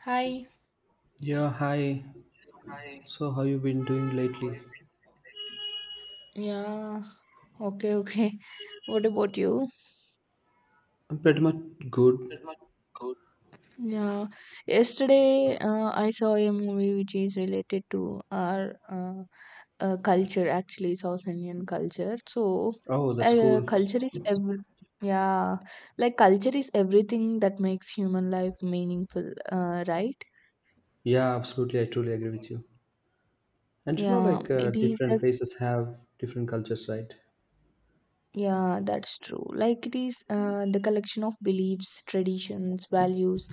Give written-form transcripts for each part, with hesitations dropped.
Hi. Yeah, hi. Hi, So, how you been doing how are lately? you feeling? Yeah. Okay, okay. What about you? I'm pretty much good. That much good. Yeah. Yesterday, I saw a movie which is related to our culture, actually, South Indian culture. So, Oh, that's uh, cool. culture is every yeah, culture is everything that makes human life meaningful, right? Yeah, absolutely. I truly agree with you. And you know, Yeah, like it is different the places have different cultures, right? Yeah, that's true. Like it is the collection of beliefs, traditions, values,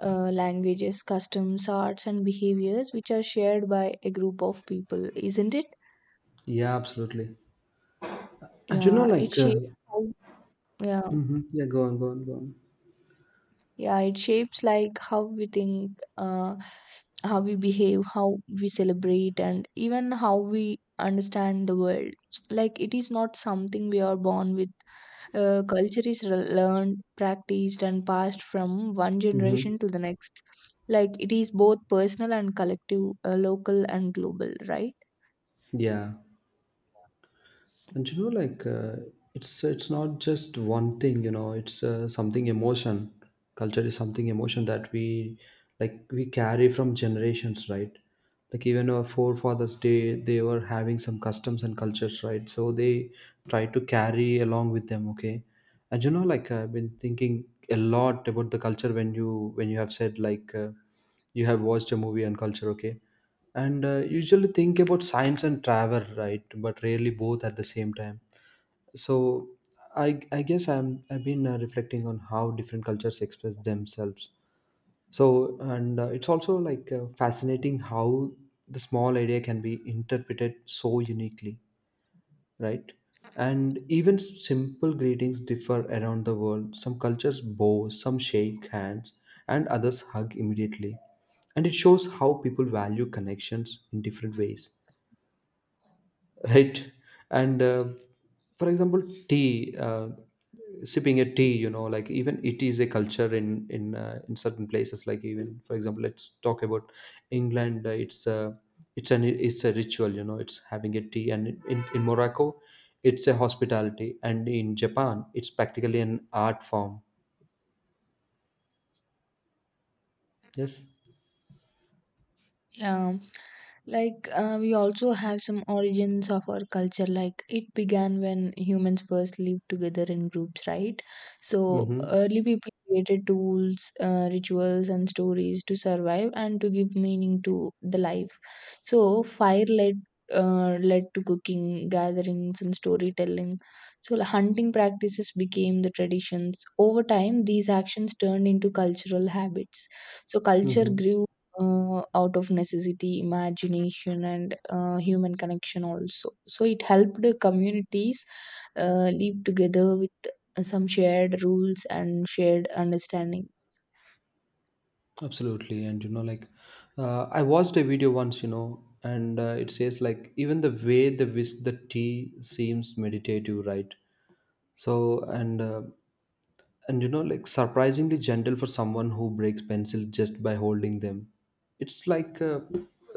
languages, customs, arts, and behaviors which are shared by a group of people, isn't it? Yeah, absolutely. And you know, Yeah, it shapes how, yeah, mhm. Yeah, go on, go on, go on. yeah, it shapes like how we think, how we behave, how we celebrate, and even how we understand the world. Like it is not something we are born with. Culture is learned, practiced, and passed from one Hmm. generation to the next. Like it is both personal and collective, local and global, right? Yeah. And you know like it's not just one thing, it's something emotion. Culture is something emotion that we, like, we carry from generations, right? Like even our forefathers day, they were having some customs and cultures, right? So they try to carry along with them. Okay. And you know, like I've been thinking a lot about the culture when you, when you have said like you have watched a movie on culture. Okay. And usually think about science and travel, right? But rarely both at the same time. So I guess I've been reflecting on how different cultures express themselves. So and it's also like fascinating how the small idea can be interpreted so uniquely, right? And even simple greetings differ around the world. Some cultures bow, some shake hands, and others hug immediately, and it shows how people value connections in different ways, right? And for example, tea, sipping a tea, you know, like even it is a culture in in certain places. Like even for example, let's talk about england. It's an it's a ritual, you know. It's having a tea. And in morocco, it's a hospitality. And in japan, it's practically an art form. Yes. Yeah. Like, we also have some origins of our culture. Like, it began when humans first lived together in groups, right? So, Mm-hmm. early people created tools, rituals, and stories to survive and to give meaning to the life. So, fire led to cooking, gatherings, and storytelling. So, hunting practices became the traditions. Over time, these actions turned into cultural habits. So, culture Mm-hmm. grew out of necessity, imagination, and human connection also. So it helped the communities live together with some shared rules and shared understanding. Absolutely. And you know, like I watched a video once, you know, and it says like even the way they whisk the tea seems meditative, right? So and you know like surprisingly gentle for someone who breaks pencils just by holding them. It's like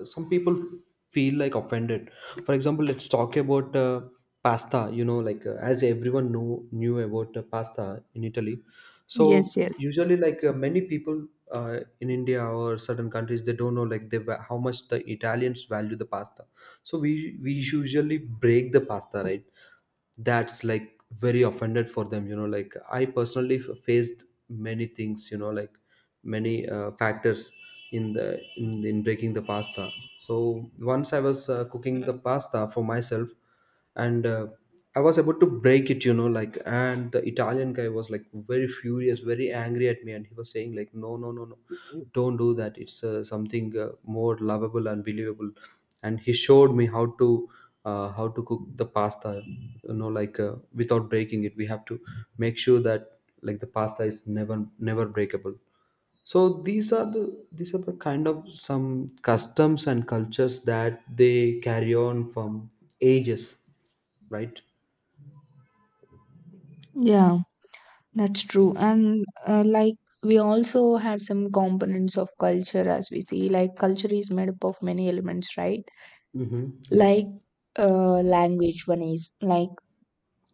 some people feel like offended. For example, let's talk about pasta. You know, like as everyone know knew about pasta in Italy. Yes, So yes. usually, like many people in India or certain countries, they don't know like they how much the Italians value the pasta. So we usually break the pasta, right? That's like very offended for them, you know. Like I personally faced many things, you know, like many factors in the in breaking the pasta. So once I was cooking the pasta for myself. And I was about to break it, you know, like, and the italian guy was like very furious, very angry at me, and he was saying like, no, no, no, no, don't do that. It's something more lovable and believable. And he showed me how to cook the pasta. You know, like without breaking it, we have to make sure that like the pasta is never, never breakable. So these are the, these are the kind of some customs and cultures that they carry on from ages, right? Yeah, that's true. And like we also have some components of culture as we see, like culture is made up of many elements, right? Mm-hmm. Yes. Like language, one is like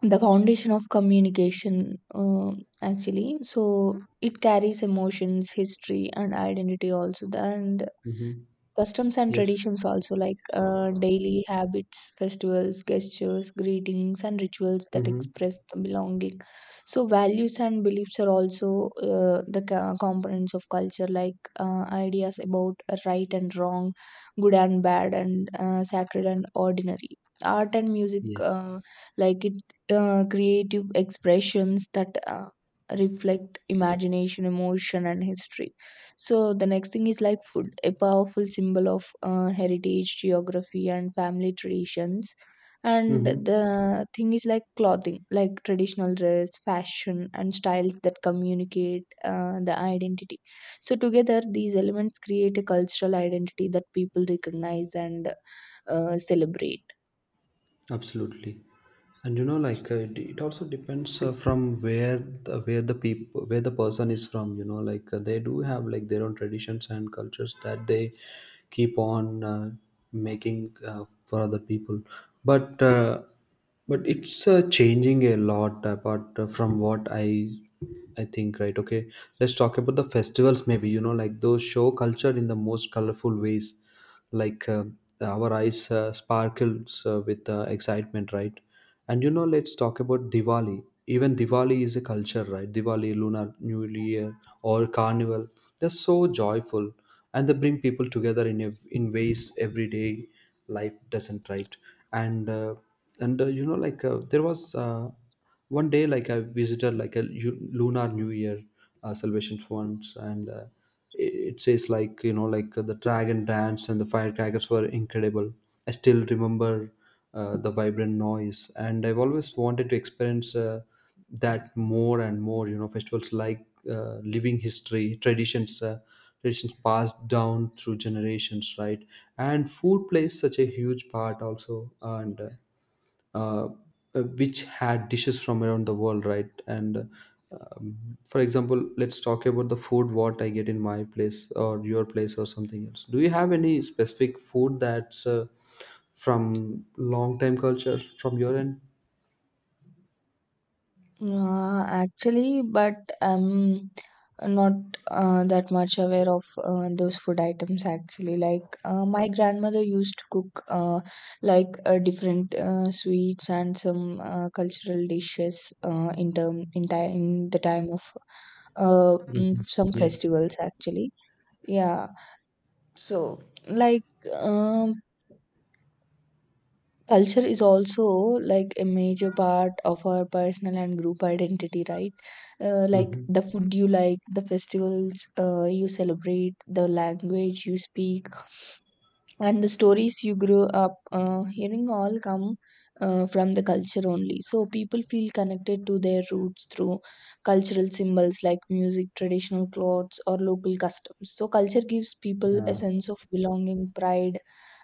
the foundation of communication, actually. So it carries emotions, history, and identity also. And Mm-hmm. customs and Yes. traditions also, like daily habits, festivals, gestures, greetings, and rituals that Mm-hmm. express the belonging. So values and beliefs are also, the components of culture, like ideas about right and wrong, good and bad, and sacred and ordinary. Art and music, Yes. Like it, creative expressions that reflect imagination, emotion, and history. So the next thing is like food, a powerful symbol of heritage, geography, and family traditions. And Mm-hmm. the thing is like clothing, like traditional dress, fashion, and styles that communicate the identity. So together, these elements create a cultural identity that people recognize and celebrate. Absolutely. And you know, like it, it also depends from where the people, where the person is from. You know, like they do have like their own traditions and cultures that they keep on making for other people, but. But it's changing a lot apart from what I think, right? Okay, let's talk about the festivals maybe. You know, like those show culture in the most colorful ways, like our eyes sparkles with excitement, right? And you know, let's talk about diwali. Even diwali is a culture, right? Diwali, lunar new year, or carnival, they're so joyful, and they bring people together in a, in ways everyday life doesn't, right? And and you know like there was one day like I visited like a lunar new year salvation funds. And it, it says like, you know, like the dragon dance and the firecrackers were incredible. I still remember the vibrant noise, and I've always wanted to experience that more and more. You know, festivals like living history traditions, traditions passed down through generations, right? And food plays such a huge part also. And uh, uh, which had dishes from around the world, right? And for example, let's talk about the food, what I get in my place or your place or something else. Do you have any specific food that's from long time culture from your end? Actually, but I'm not that much aware of those food items actually. Like, my grandmother used to cook, like different sweets and some cultural dishes in term in time in the time of mm, Mhm. some Yes. festivals actually. Yeah. So, like, um, culture is also like a major part of our personal and group identity, right? Like Hmm. the food you like, the festivals you celebrate, the language you speak, and the stories you grew up hearing all come from the culture only. So people feel connected to their roots through cultural symbols like music, traditional clothes, or local customs. So culture gives people a sense of belonging, pride,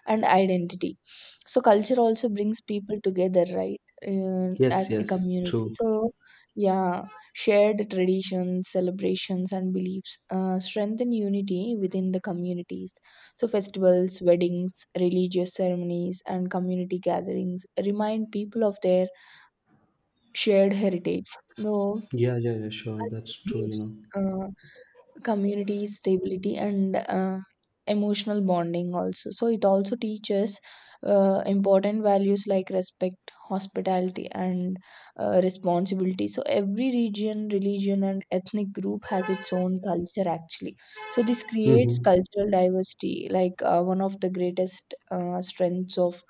and identity. So culture also brings people together, right, Yes, as a yes, community. true. So yeah, shared traditions, celebrations, and beliefs strengthen unity within the communities. So, festivals, weddings, religious ceremonies, and community gatherings remind people of their shared heritage. Though Yeah, yeah, yeah, sure. That's culture true, you know. gives community stability and emotional bonding also, so it also teaches important values like respect, hospitality, and responsibility. So every region, religion, and ethnic group has its own culture actually. So this creates Mm-hmm. cultural diversity, like one of the greatest strengths of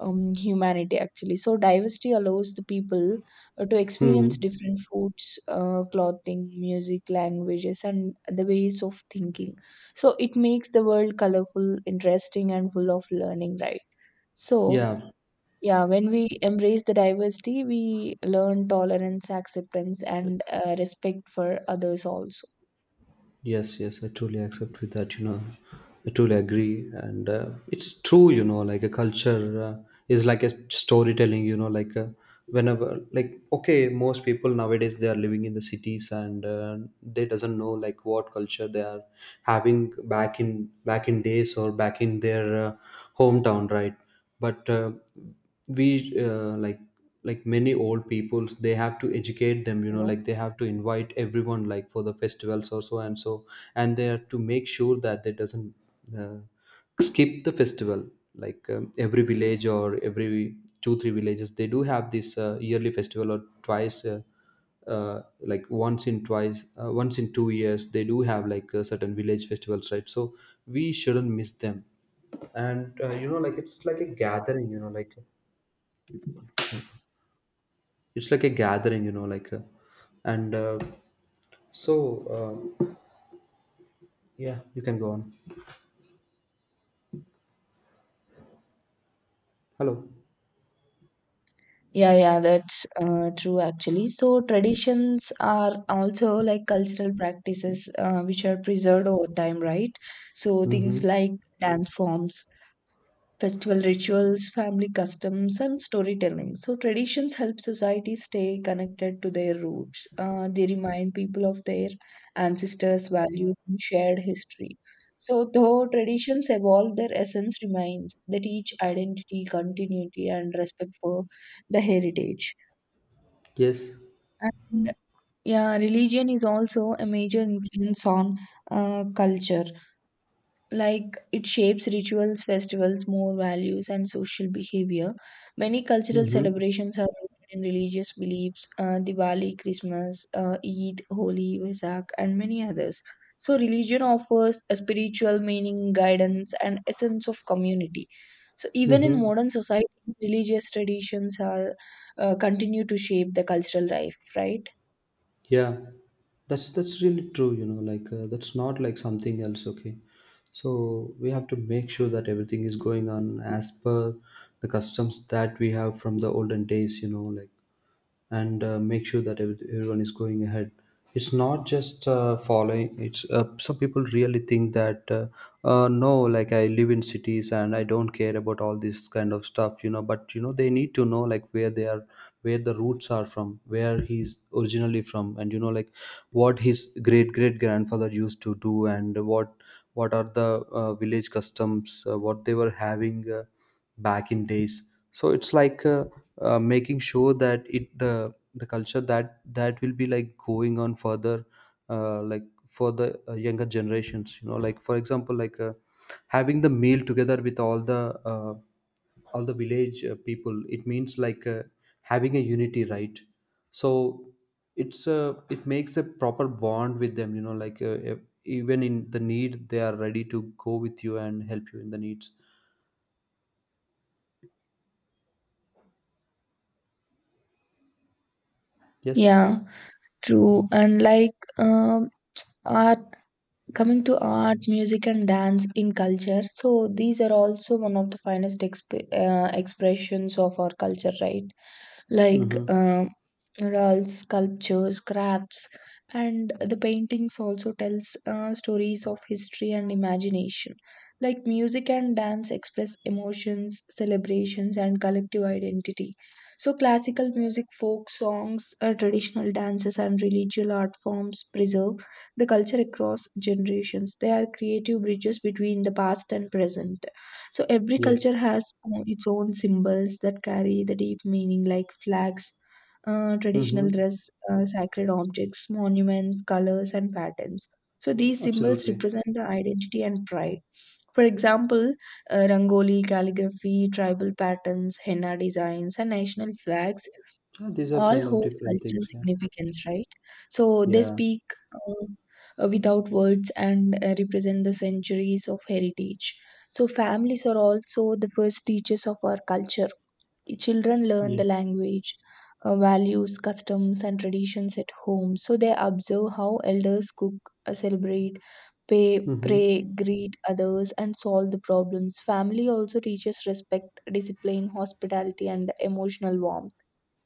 humanity actually. So diversity allows the people to Hmm. experience different foods, clothing, music, languages, and the ways of thinking. So it makes the world colorful, interesting, and full of learning, right? So Yeah, yeah, when we embrace the diversity, we learn tolerance, acceptance, and respect for others also. yes, yes. I truly accept with that, you know. I truly agree. And it's true, you know, like a culture is like a storytelling, you know, like whenever, like, okay, most people nowadays, they are living in the cities, and they doesn't know like what culture they are having back in, back in days, or back in their hometown, right? But we like many old peoples, they have to educate them. You You know, know. like they have to invite everyone like for the festivals or so and so, and they have to make sure that they doesn't uh, skip the festival. Like every village or every two three villages they do have this yearly festival, or twice like once in twice once in 2 years they do have like certain village festivals, right? So we shouldn't miss them. And you know, like it's like a gathering, you know, like, it's like a gathering. And so yeah, you can go on. Hello. Yeah, yeah, that's true actually. So, traditions are also like cultural practices which are preserved over time, right? So, things Mm-hmm. like dance forms, festival rituals, family customs, and storytelling. So, traditions help society stay connected to their roots. They remind people of their ancestors' values and shared history. So, though traditions evolve, their essence remains. They teach identity, continuity, and respect for the heritage. Yes. And yeah, religion is also a major influence on culture. Like it shapes rituals, festivals, more values, and social behavior. Many cultural Mm-hmm. celebrations are rooted in religious beliefs, Diwali, Christmas, Eid, Holi, Vesak, and many others. So, religion offers a spiritual meaning, guidance, and a sense of community. So, even in Mm-hmm. modern society, religious traditions are continue to shape the cultural life, right? Yeah. That's really true, you know, like that's not like something else, okay? So we have to make sure that everything is going on as per the customs that we have from the olden days, you know, like. And make sure that everyone is going ahead. It's not just following. It's some people really think that no, like I live in cities and I don't care about all this kind of stuff, you know. But you know, they need to know like where they are, where the roots are from, where he's originally from. And you know, like what his great great grandfather used to do, and what are the village customs, what they were having back in days. So it's like making sure that it, the culture that, that will be like going on further, like for the younger generations. You know, like for example, like having the meal together with uh, all the village people, it means like having a unity, right? So it's a, it makes a proper bond with them. You know, like even in the need they are ready to go with you and help you in the needs. Yes. Yeah, true. And like art, coming to art, music, and dance in culture. So these are also one of the finest expressions of our culture, right? Like Mm-hmm. um, murals, sculptures, crafts, and the paintings also tells stories of history and imagination. Like music and dance express emotions, celebrations, and collective identity. So classical music, folk songs, traditional dances, and religious art forms preserve the culture across generations. They are creative bridges between the past and present. So every Yes. culture has its own symbols that carry the deep meaning, like flags, traditional Mm-hmm. dress, sacred objects, monuments, colors, and patterns. So these symbols Absolutely. represent the identity and pride. For example, rangoli, calligraphy, tribal patterns, henna designs, and national flags Ah, these are all kind of hold different cultural things. Yeah. significance, right? So they Yeah. speak without words and represent the centuries of heritage. So families are also the first teachers of our culture. Children learn the Yes. language, values, customs, and traditions at home. So they observe how elders cook, celebrate, pay, Mm-hmm. pray, greet others, and solve the problems. Family also teaches respect, discipline, hospitality, and emotional warmth.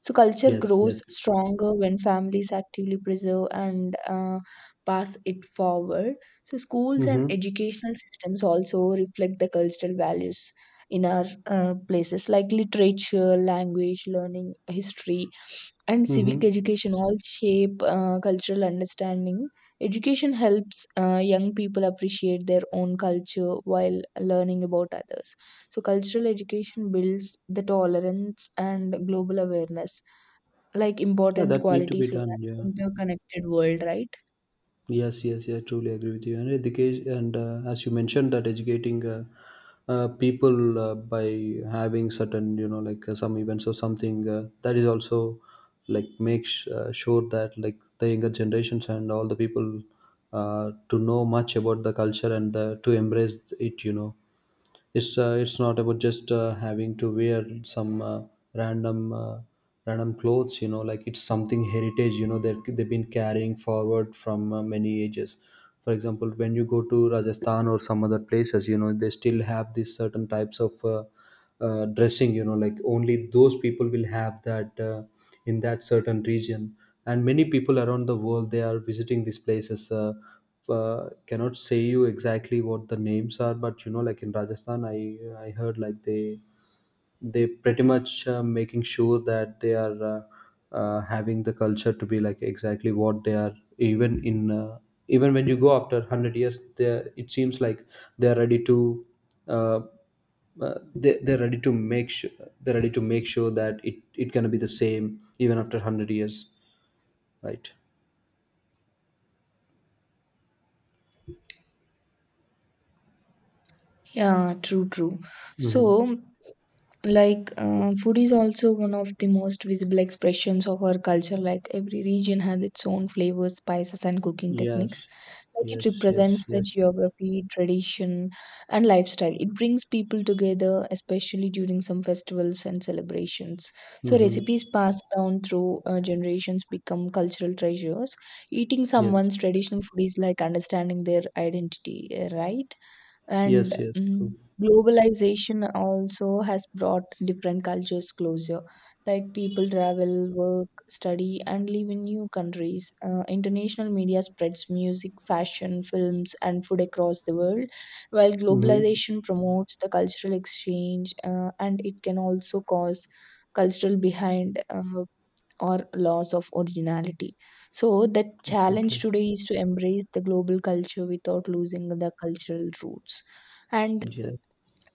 So culture Yes. grows Yes. stronger when families actively preserve and pass it forward. So schools and Mm-hmm. educational systems also reflect the cultural values in our places, like literature, language, learning, history, and civic Mm-hmm. education all shape cultural understanding. Education helps young people appreciate their own culture while learning about others. So, cultural education builds the tolerance and global awareness, like Yeah, important that need to be qualities in done. Yeah. an interconnected world, right? Yes, yes, yeah, truly agree with you. And education, and as you mentioned, that educating people by having certain, you know, like some events or something, that is also like makes sure that like the younger generations and all the people to know much about the culture, and to embrace it. You know, it's not about just having to wear some random. Random clothes, you know, like it's something heritage, you know, that they've been carrying forward from many ages. For example, when you go to rajasthan or some other places, you know, they still have these certain types of dressing. You know, like only those people will have that in that certain region. And many people around the world, they are visiting these places, cannot say you exactly what the names are, but you know like in rajasthan, I heard like they pretty much making sure that they are having the culture to be like exactly what they are. Even in even when you go after 100 years, they, it seems like they are ready to uh, they're ready to make sure, they're ready to make sure that it gonna be the same even after 100 years, right? Yeah, true, true. So Mm-hmm. like, food is also one of the most visible expressions of our culture. Like, every region has its own flavors, spices, and cooking techniques. Yes, Like, it yes, yes. represents the Yes. geography, tradition, and lifestyle. It brings people together, especially during some festivals and celebrations. So, recipes Mm-hmm. passed down through generations become cultural treasures. Eating Yes, someone's traditional food is like understanding their identity, right? And yes, yes, true. mm, globalization also has brought different cultures closer. Like people travel, work, study, and live in new countries. Uh, international media spreads music, fashion, films, and food across the world. While Mm-hmm. globalization promotes the cultural exchange, and it can also cause cultural behind, or loss of originality. So, the challenge Absolutely. today is to embrace the global culture without losing the cultural roots. And Yeah.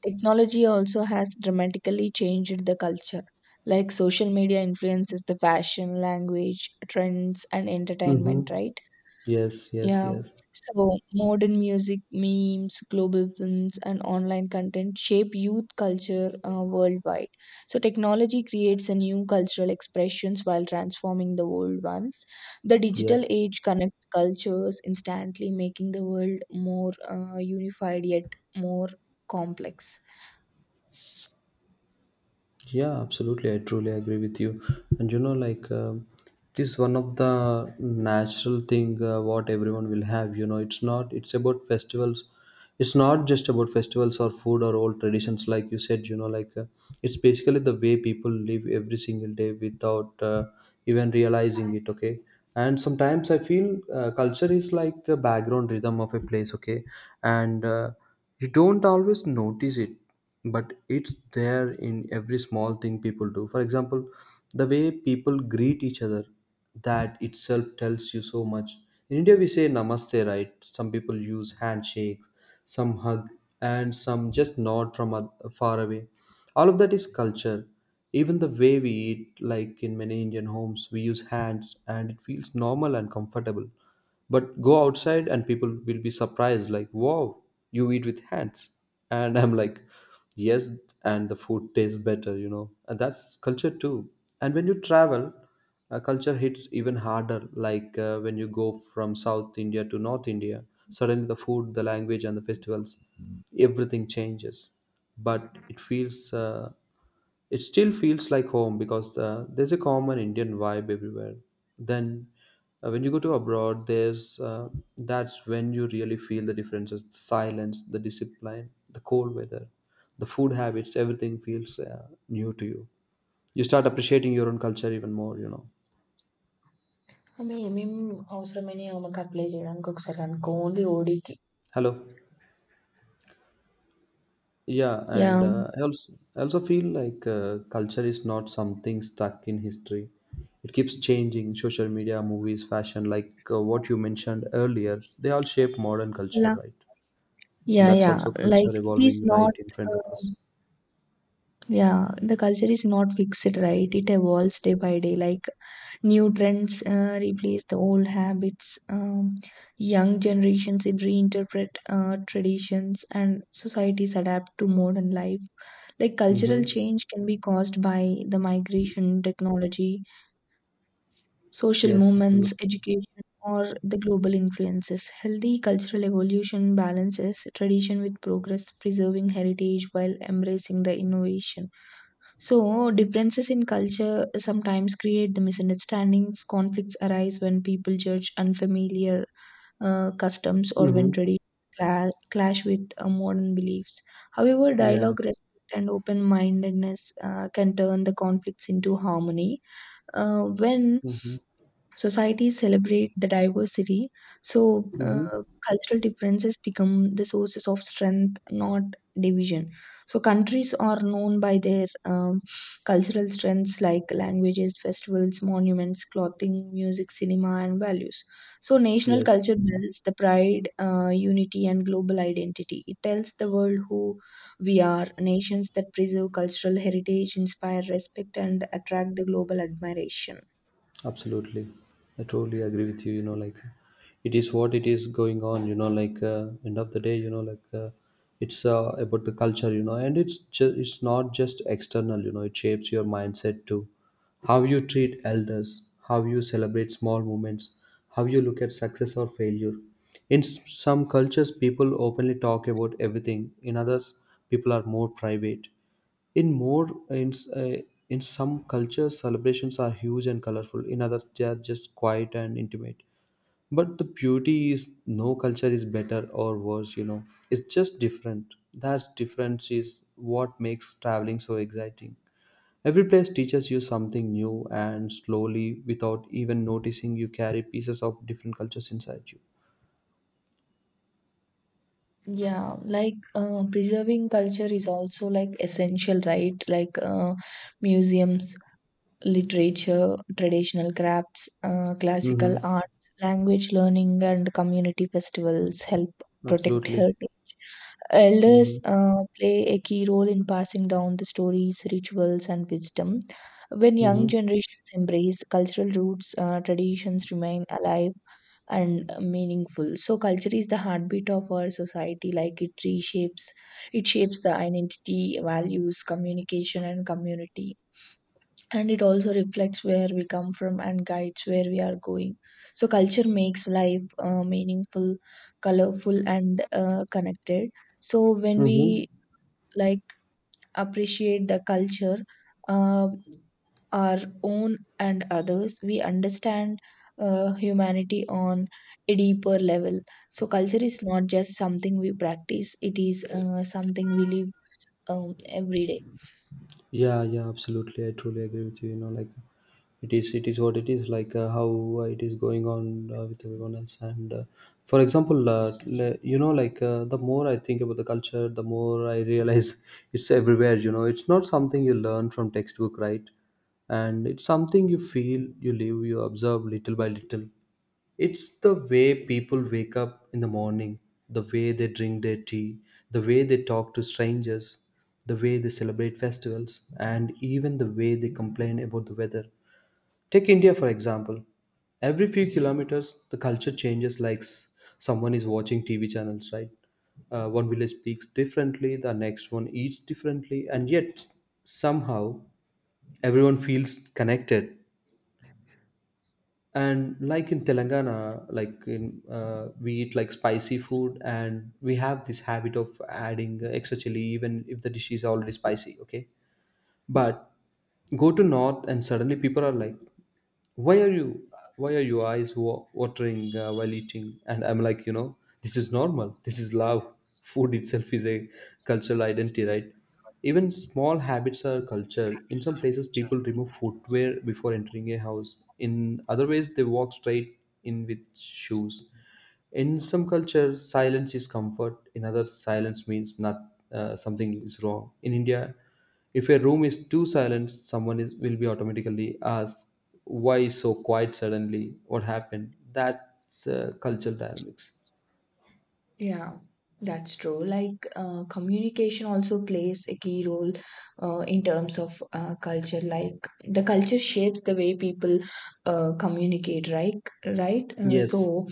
technology also has dramatically changed the culture. Like social media influences the fashion, language, trends, and Mm-hmm. entertainment, right? Yes, yes, Yeah. yes, So modern music, memes, global films, and online content shape youth culture worldwide. So technology creates a new cultural expressions while transforming the old ones. The digital yes. age connects cultures instantly, making the world more unified yet more complex. Yeah, absolutely. I truly agree with you. And you know, like it is one of the natural thing, what everyone will have. You know, it's not. It's about festivals. It's not just about festivals or food or old traditions, like you said. It's basically the way people live every single day without even realizing it. Okay. And sometimes I feel culture is like a background rhythm of a place. Okay, and you don't always notice it, but it's there in every small thing people do. For example, the way people greet each other, that itself tells you so much. In India, we say namaste, right? Some people use handshakes, some hug, and some just nod from far away. All of that is culture. Even the way we eat, like in many Indian homes, we use hands and it feels normal and comfortable. But go outside and people will be surprised, like, wow, you eat with hands. And I'm like, yes, and the food tastes better, And that's culture too. And when you travel, culture hits even harder, like when you go from South India to North India, suddenly the food, the language, and the festivals, everything changes. But it still feels like home because there's a common Indian vibe everywhere. Then, when you go to abroad, there's that's when you really feel the differences: the silence, the discipline, the cold weather, the food habits. Everything feels new to you. You start appreciating your own culture even more. You know. అవి ఏమేమి అవసరమైన ఆమెకు apply చేయడానికి ఒకసారి అనుకో only ఓడికి. Hello. Yeah, and Yeah. I also feel like culture is not something stuck in history. It keeps changing. Social media, movies, fashion, like what you mentioned earlier, they all shape modern culture, La- right? And yeah, that's yeah. also Like culture it is evolving right not. in front of us. Uh, Yeah, the culture is not fixed, right? It evolves day by day. Like new trends replace the old habits. Young generations in reinterpret traditions, and societies adapt to modern life. Like cultural Mm-hmm. change can be caused by the migration, technology, social Yes, movements, absolutely. education, or the global influences. Healthy cultural evolution balances tradition with progress, preserving heritage while embracing the innovation. So, differences in culture sometimes create the misunderstandings. Conflicts arise when people judge unfamiliar customs or when Mm-hmm. traditions clash with modern beliefs. However, Yeah. dialogue, respect, and open mindedness can turn the conflicts into harmony. When Mm-hmm. Societies celebrate the diversity, so Mm-hmm. Cultural differences become the sources of strength, not division. So countries are known by their cultural strengths, like languages, festivals, monuments, clothing, music, cinema, and values. So national Yes. culture builds the pride, unity, and global identity. It tells the world who we are. Nations that preserve cultural heritage inspire respect and attract the global admiration. Absolutely. I totally agree with you. You know, like It is what it is going on, end of the day, it's about the culture, you know, and it's not just external, you know, it shapes your mindset too. How you treat elders, how you celebrate small moments, how you look at success or failure. Some cultures, people openly talk about everything. In others, people are more private. in more in, uh, in some cultures celebrations are huge and colorful, in others they are just quiet and intimate. But the beauty is no culture is better or worse, you know, it's just different. That difference is what makes traveling so exciting. Every place teaches you something new, and slowly, without even noticing, you carry pieces of different cultures inside you. Yeah, like preserving culture is also like essential, right? Like museums, literature, traditional crafts, classical Mm-hmm. arts, language learning, and community festivals help protect Absolutely. heritage. Mm-hmm. Elders play a key role in passing down the stories, rituals, and wisdom. When young Mm-hmm. generations embrace cultural roots, traditions remain alive and meaningful. So, culture is the heartbeat of our society. It shapes the identity, values, communication, and community, and it also reflects where we come from and guides where we are going. So culture makes life meaningful, colorful, and connected. So when Mm-hmm. we like appreciate the culture, uh, our own and others, we understand humanity on a deeper level. So culture is not just something we practice, it is something we live every day. Yeah, yeah, absolutely. I truly agree with you. You know, like it is what it is. Like how it is going on with everyone else. And for example, the more I think about the culture, the more I realize it's everywhere. You know, it's not something you learn from textbook, right? And it's something you feel, you live, you observe little by little. It's the way people wake up in the morning, the way they drink their tea, the way they talk to strangers, the way they celebrate festivals, and even the way they complain about the weather. Take India, for example. Every few kilometers, the culture changes. Someone is watching TV channels, right? One village speaks differently, the next one eats differently, and yet somehow everyone feels connected. And like in Telangana, like in we eat like spicy food, and we have this habit of adding extra chili even if the dish is already spicy. Okay, but go to north and suddenly people are like, why are you why are your eyes watering while eating? And I'm like, you know, this is normal, this is love. Food itself is a cultural identity, right? Even small habits are culture. In some places people remove footwear before entering a house, in other ways they walk straight in with shoes. In some cultures silence is comfort, in others silence means not something is wrong. In India, if a room is too silent, will be automatically asked, why is so quiet suddenly, what happened? That's cultural dynamics. Yeah, that's true. Like, communication also plays a key role in terms of culture. Like, the culture shapes the way people communicate, right? Right? Uh, Yes. so,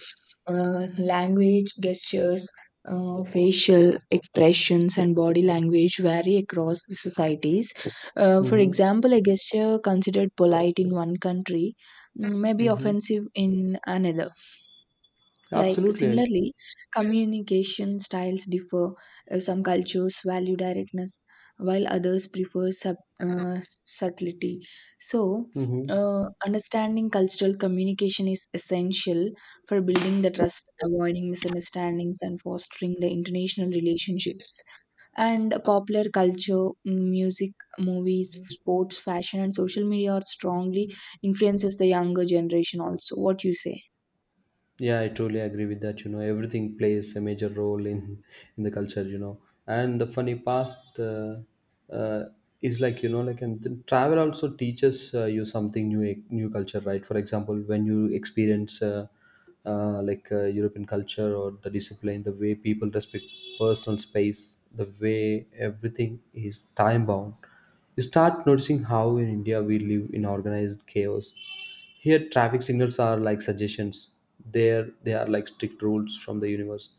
uh, language, gestures, facial expressions, and body language vary across the societies. For Mm-hmm. example, a gesture considered polite in one country may be Mm-hmm. offensive in another. Like Absolutely. similarly, communication styles differ. Some cultures value directness, while others prefer subtlety. So, Mm-hmm. uh, understanding cultural communication is essential for building the trust, avoiding misunderstandings, and fostering the international relationships. And popular culture, music, movies, sports, fashion, and social media are strongly influences the younger generation. Also, what you say? Yeah, I truly agree with that. You know, everything plays a major role in the culture. You know, and the funny past uh, is like, you know, like, travel also teaches you something new, new culture, right? For example, when you experience European culture or the discipline, the way people respect personal space, the way everything is time bound, you start noticing how in India we live in organized chaos. Here, traffic signals are like suggestions. There, they are like strict rules from the universe.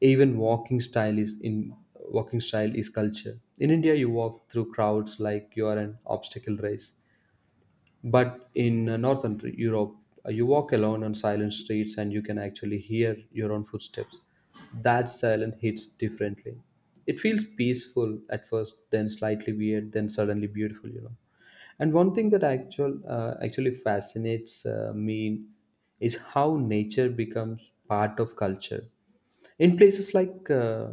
Even walking style is culture. In India, you walk through crowds like you are an obstacle race. But in Northern Europe, you walk alone on silent streets and you can actually hear your own footsteps. That silence hits differently. It feels peaceful at first, then slightly weird, then suddenly beautiful. You know. And one thing that actually fascinates me is how nature becomes part of culture. In places like uh,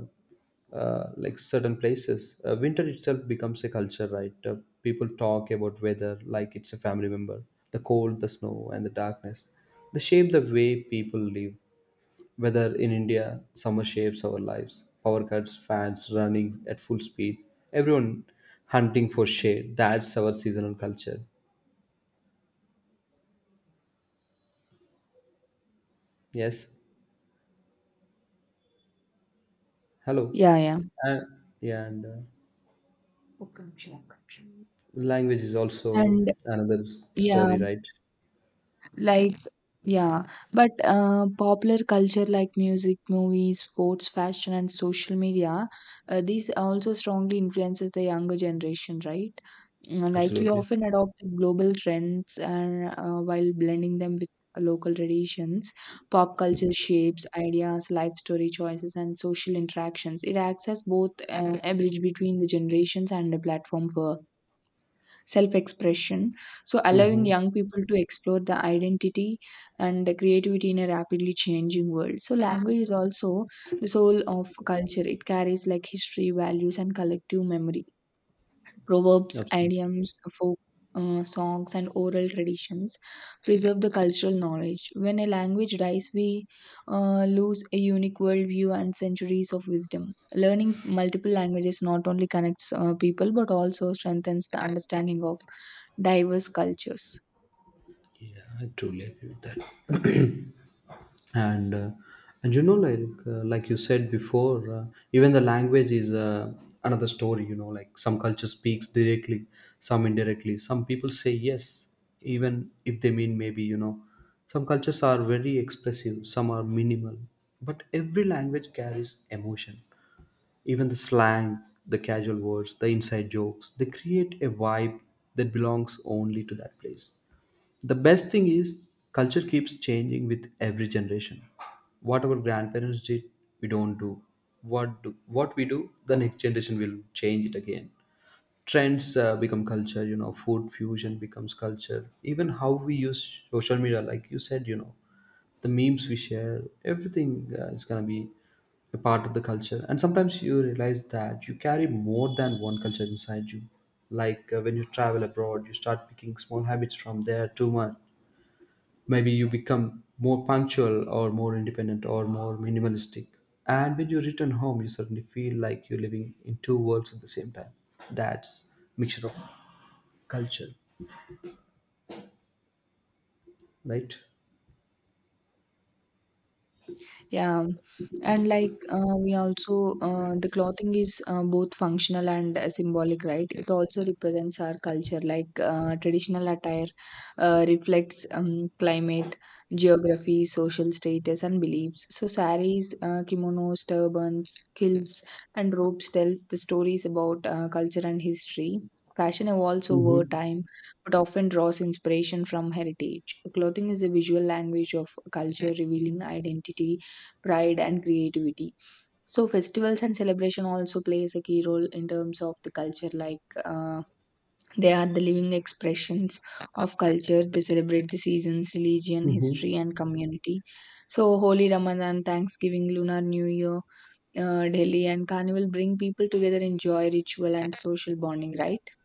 uh, like certain places, winter itself becomes a culture, right? People talk about weather like it's a family member. The cold, the snow, and the darkness. They shape the way people live. Whether in India, summer shapes our lives. Power cuts, fans running at full speed, everyone hunting for shade. That's our seasonal culture. Yes. Hello. Yeah, yeah. And yeah, and ఒక్క నిమిషం. language is also And another yeah, story, right? like yeah, but popular culture like music, movies, sports, fashion, and social media, these also strongly influences the younger generation, right? Like we Absolutely. often adopt global trends and while blending them with local traditions, pop culture shapes ideas, life story choices, and social interactions. It acts as both a bridge between the generations and a platform for self expression. So, allowing Mm-hmm. young people to explore the identity and the creativity in a rapidly changing world. So, language is also the soul of culture. It carries like history, values, and collective memory. Proverbs, Absolutely. idioms, folk songs, and oral traditions preserve the cultural knowledge. When a language dies, we lose a unique worldview and centuries of wisdom. Learning multiple languages not only connects people but also strengthens the understanding of diverse cultures. Yeah, I truly agree with that. and uh, and you know, like you said before, even the language is another story. You know, like some culture speaks directly, some indirectly. Some people say yes, even if they mean maybe. You know, some cultures are very expressive, some are minimal, but every language carries emotion. Even the slang, the casual words, the inside jokes, they create a vibe that belongs only to that place. The best thing is culture keeps changing with every generation. What our grandparents did, we don't do. What we do, the next generation will change it again. Trends become culture, you know. Food fusion becomes culture. Even how we use social media, like you said, you know, the memes we share, everything is gonna be a part of the culture. And sometimes you realize that you carry more than one culture inside you. Like when you travel abroad, you start picking small habits from there too much. Maybe you become more punctual or more independent or more minimalistic, and when you return home you suddenly feel like you're living in two worlds at the same time. That's mixture of culture, right? Yeah, and like we also the clothing is both functional and symbolic, right? It also represents our culture. Like traditional attire reflects climate, geography, social status, and beliefs. So saris, kimonos, turbans, kilts, and robes tells the stories about culture and history. Fashion evolves over Mm-hmm. time but often draws inspiration from heritage. Clothing is a visual language of culture, revealing identity, pride, and creativity. So festivals and celebration also plays a key role in terms of the culture. Like they are the living expressions of culture. They celebrate the seasons, religion, Mm-hmm. history, and community. So Holy, Ramadan, Thanksgiving, Lunar New Year, Delhi, and Carnival bring people together in joy, ritual, and social bonding, right?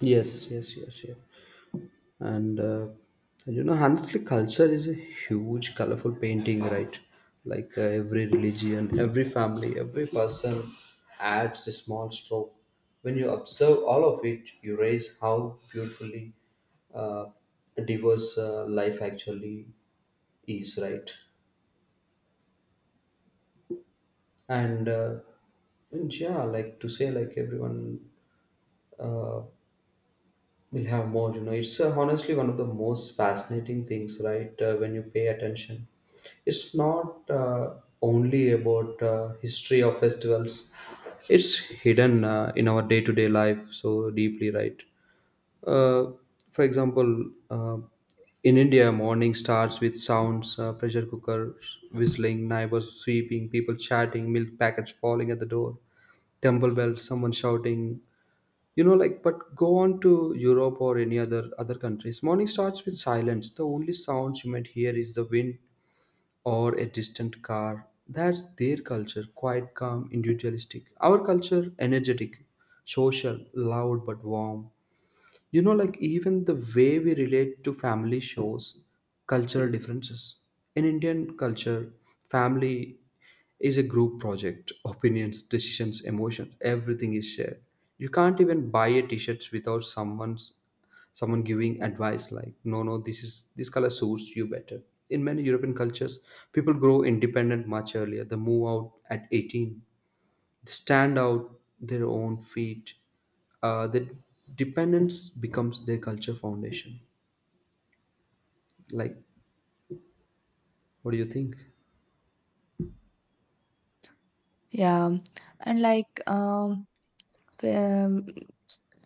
Yes, yes, yes, yes. And you know, honestly, culture is a huge colorful painting, right? Like every religion, every family, every person adds a small stroke. When you observe all of it, you raise how beautifully uh, diverse life actually is, right? And and yeah, like to say, like everyone uh, we'll have more, you know. It's honestly one of the most fascinating things, right? When you pay attention, it's not only about history of festivals. It's hidden in our day-to-day life so deeply, right? Uh, for example, in India, morning starts with sounds, pressure cookers whistling, neighbors sweeping, people chatting, milk packets falling at the door, temple bells, someone shouting, you know. Like, but go on to Europe or any other countries, morning starts with silence. The only sounds you might hear is the wind or a distant car. That's their culture, quite calm, individualistic. Our culture, energetic, social, loud but warm. You know, like even the way we relate to family shows cultural differences. In Indian culture, family is a group project. Opinions, decisions, emotions, everything is shared. You can't even buy a T-shirt without someone giving advice, like no no, this is this color suits you better. In many European cultures, people grow independent much earlier. They move out at 18, stand out their own feet. The dependence becomes their culture foundation. Like, what do you think? Yeah, and um,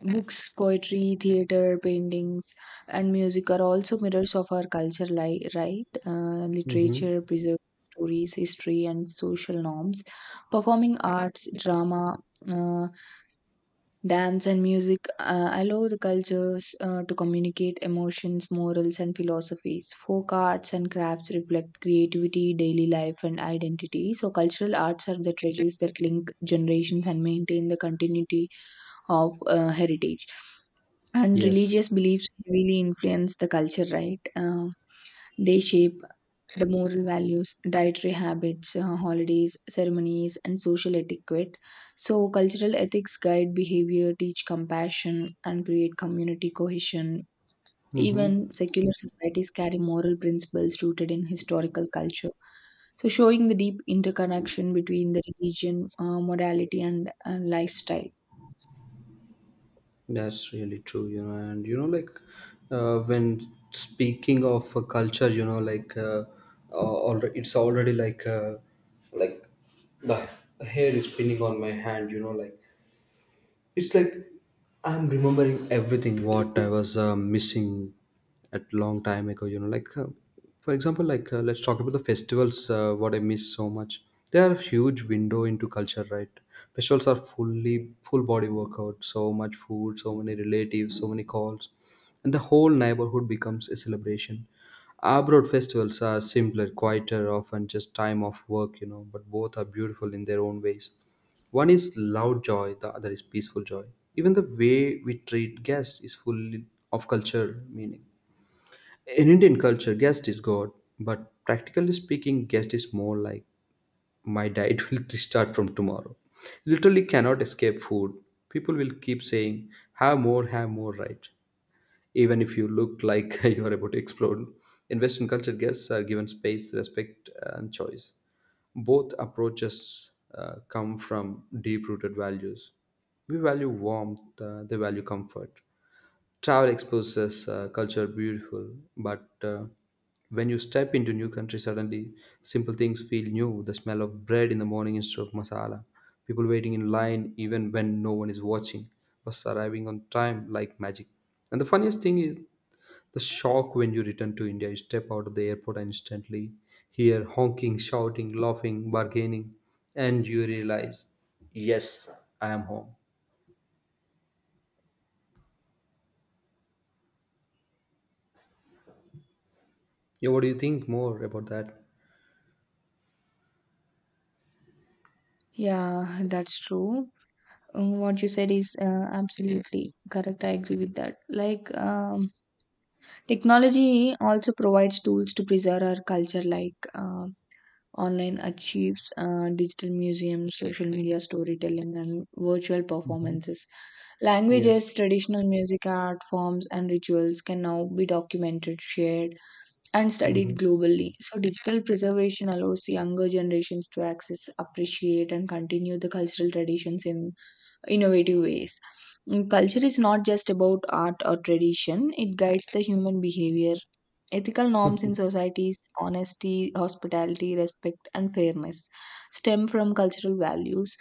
books, poetry, theater, paintings, and music are also mirrors of our culture, right? Mm-hmm. Literature preserves stories, history, and social norms. Performing arts, drama, uh, dance, and music allow the cultures to communicate emotions, morals, and philosophies. Folk arts and crafts reflect creativity, daily life, and identity. So, cultural arts are the treasures that link generations and maintain the continuity of heritage. And Yes. religious beliefs heavily influence the culture, right? They shape the moral values, dietary habits, holidays, ceremonies, and social etiquette. So cultural ethics guide behavior, teach compassion, and create community cohesion. Mm-hmm. Even secular societies carry moral principles rooted in historical culture, so showing the deep interconnection between the religion, morality, and lifestyle. That's really true, you know, and you know, like when speaking of a culture, you know, like already it's already like the hair is spinning on my hand, you know, like it's like I'm remembering everything what I was missing at long time ago. You know, like for example, like let's talk about the festivals. What I miss so much. They are a huge window into culture, right? Festivals are fully full body workout. So much food, so many relatives, so many calls, and the whole neighborhood becomes a celebration. Abroad festivals are simpler, quieter, often just time off work, you know, but both are beautiful in their own ways. One is loud joy, the other is peaceful joy. Even the way we treat guests is full of culture meaning. In Indian culture, guest is God, but practically speaking, guest is more like my diet will restart from tomorrow. Literally cannot escape food. People will keep saying, have more, right? Even if you look like you are about to explode. In Western culture, guests are given space, respect, and choice. Both approaches come from deep rooted values. We value warmth, they value comfort. Travel exposes culture beautiful, but when you step into new country, suddenly simple things feel new. The smell of bread in the morning instead of masala, people waiting in line even when no one is watching, bus arriving on time like magic. And the funniest thing is the shock when you return to India, you step out of the airport and instantly hear honking, shouting, laughing, bargaining, and you realize, yes, I am home. Yeah, what do you think more about that? Yeah, that's true. What you said is absolutely correct. I agree with that. Like, technology also provides tools to preserve our culture, like online archives, digital museums, social media storytelling, and virtual Mhm. performances. Yes. Languages, traditional music, art forms, and rituals can now be documented, shared, and Mm-hmm. studied globally. So, digital preservation allows younger generations to access, appreciate, and continue the cultural traditions in innovative ways. Mm, culture is not just about art or tradition, it guides the human behavior, ethical norms in societies. Honesty, hospitality, respect, and fairness stem from cultural values.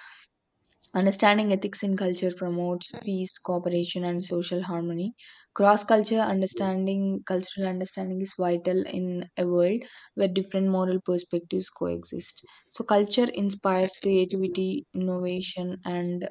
Understanding ethics in culture promotes peace, cooperation, and social harmony. Cultural understanding is vital in a world where different moral perspectives coexist. So, culture inspires creativity, innovation, and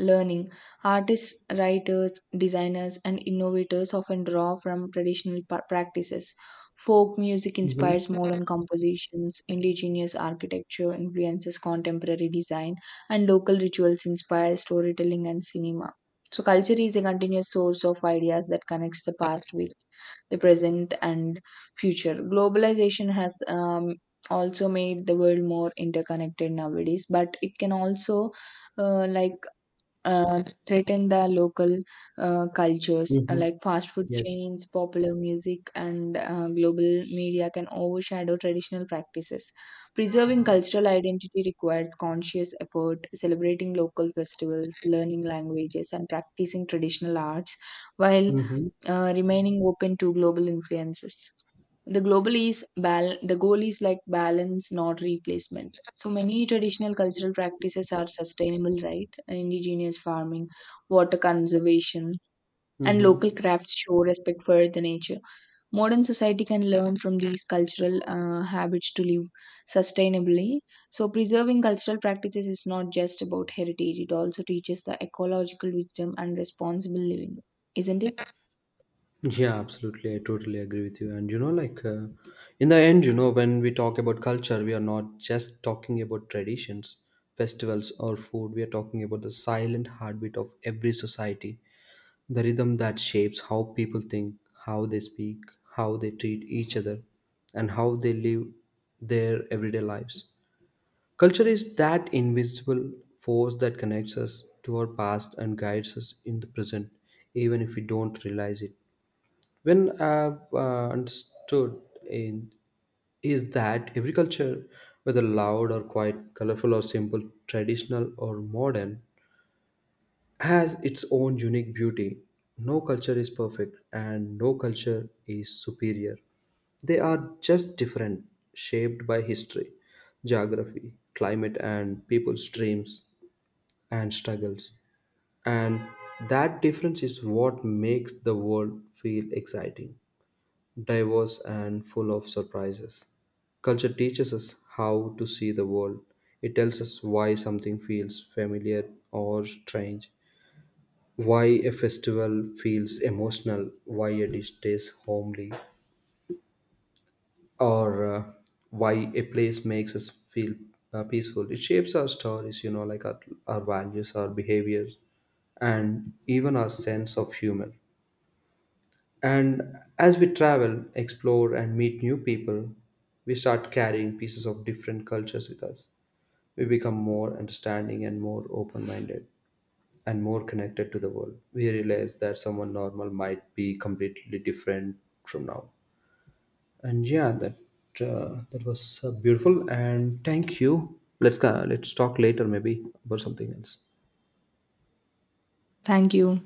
learning. Artists, writers, designers, and innovators often draw from traditional practices. Folk music Mm-hmm. inspires modern compositions, indigenous architecture influences contemporary design, and local rituals inspire storytelling and cinema. So, culture is a continuous source of ideas that connects the past with the present and future. Globalization has also made the world more interconnected nowadays, but it can also uh, like threaten the local cultures. Mm-hmm. Like fast food Yes. chains, popular music, and global media can overshadow traditional practices. Preserving cultural identity requires conscious effort, celebrating local festivals, learning languages, and practicing traditional arts while Mm-hmm. Remaining open to global influences. The goal is like balance, not replacement. So many traditional cultural practices are sustainable, right? Indigenous farming, water conservation, and Mm-hmm. local crafts show respect for the nature. Modern society can learn from these cultural habits to live sustainably. So preserving cultural practices is not just about heritage, it also teaches the ecological wisdom and responsible living, isn't it? Yeah, absolutely. I totally agree with you. And you know, like in the end, you know, when we talk about culture, we are not just talking about traditions, festivals, or food. We are talking about the silent heartbeat of every society, the rhythm that shapes how people think, how they speak, how they treat each other, and how they live their everyday lives. Culture is that invisible force that connects us to our past and guides us in the present, even if we don't realize it. When I've understood in is that every culture, whether loud or quiet, colorful or simple, traditional or modern, has its own unique beauty. No culture is perfect and no culture is superior. They are just different, shaped by history, geography, climate, and people's dreams and struggles. And that difference is what makes the world feel exciting, diverse, and full of surprises. Culture teaches us how to see the world. It tells us why something feels familiar or strange, why a festival feels emotional, why a dish tastes homely, or why a place makes us feel peaceful. It shapes our stories, you know, like our values, our behaviors, and even our sense of humor. And as we travel, explore, and meet new people, we start carrying pieces of different cultures with us. We become more understanding and more open minded and more connected to the world. We realize that someone normal might be completely different from now. And yeah, that that was beautiful. And thank you. Let's go. Let's talk later, maybe about something else. Thank you.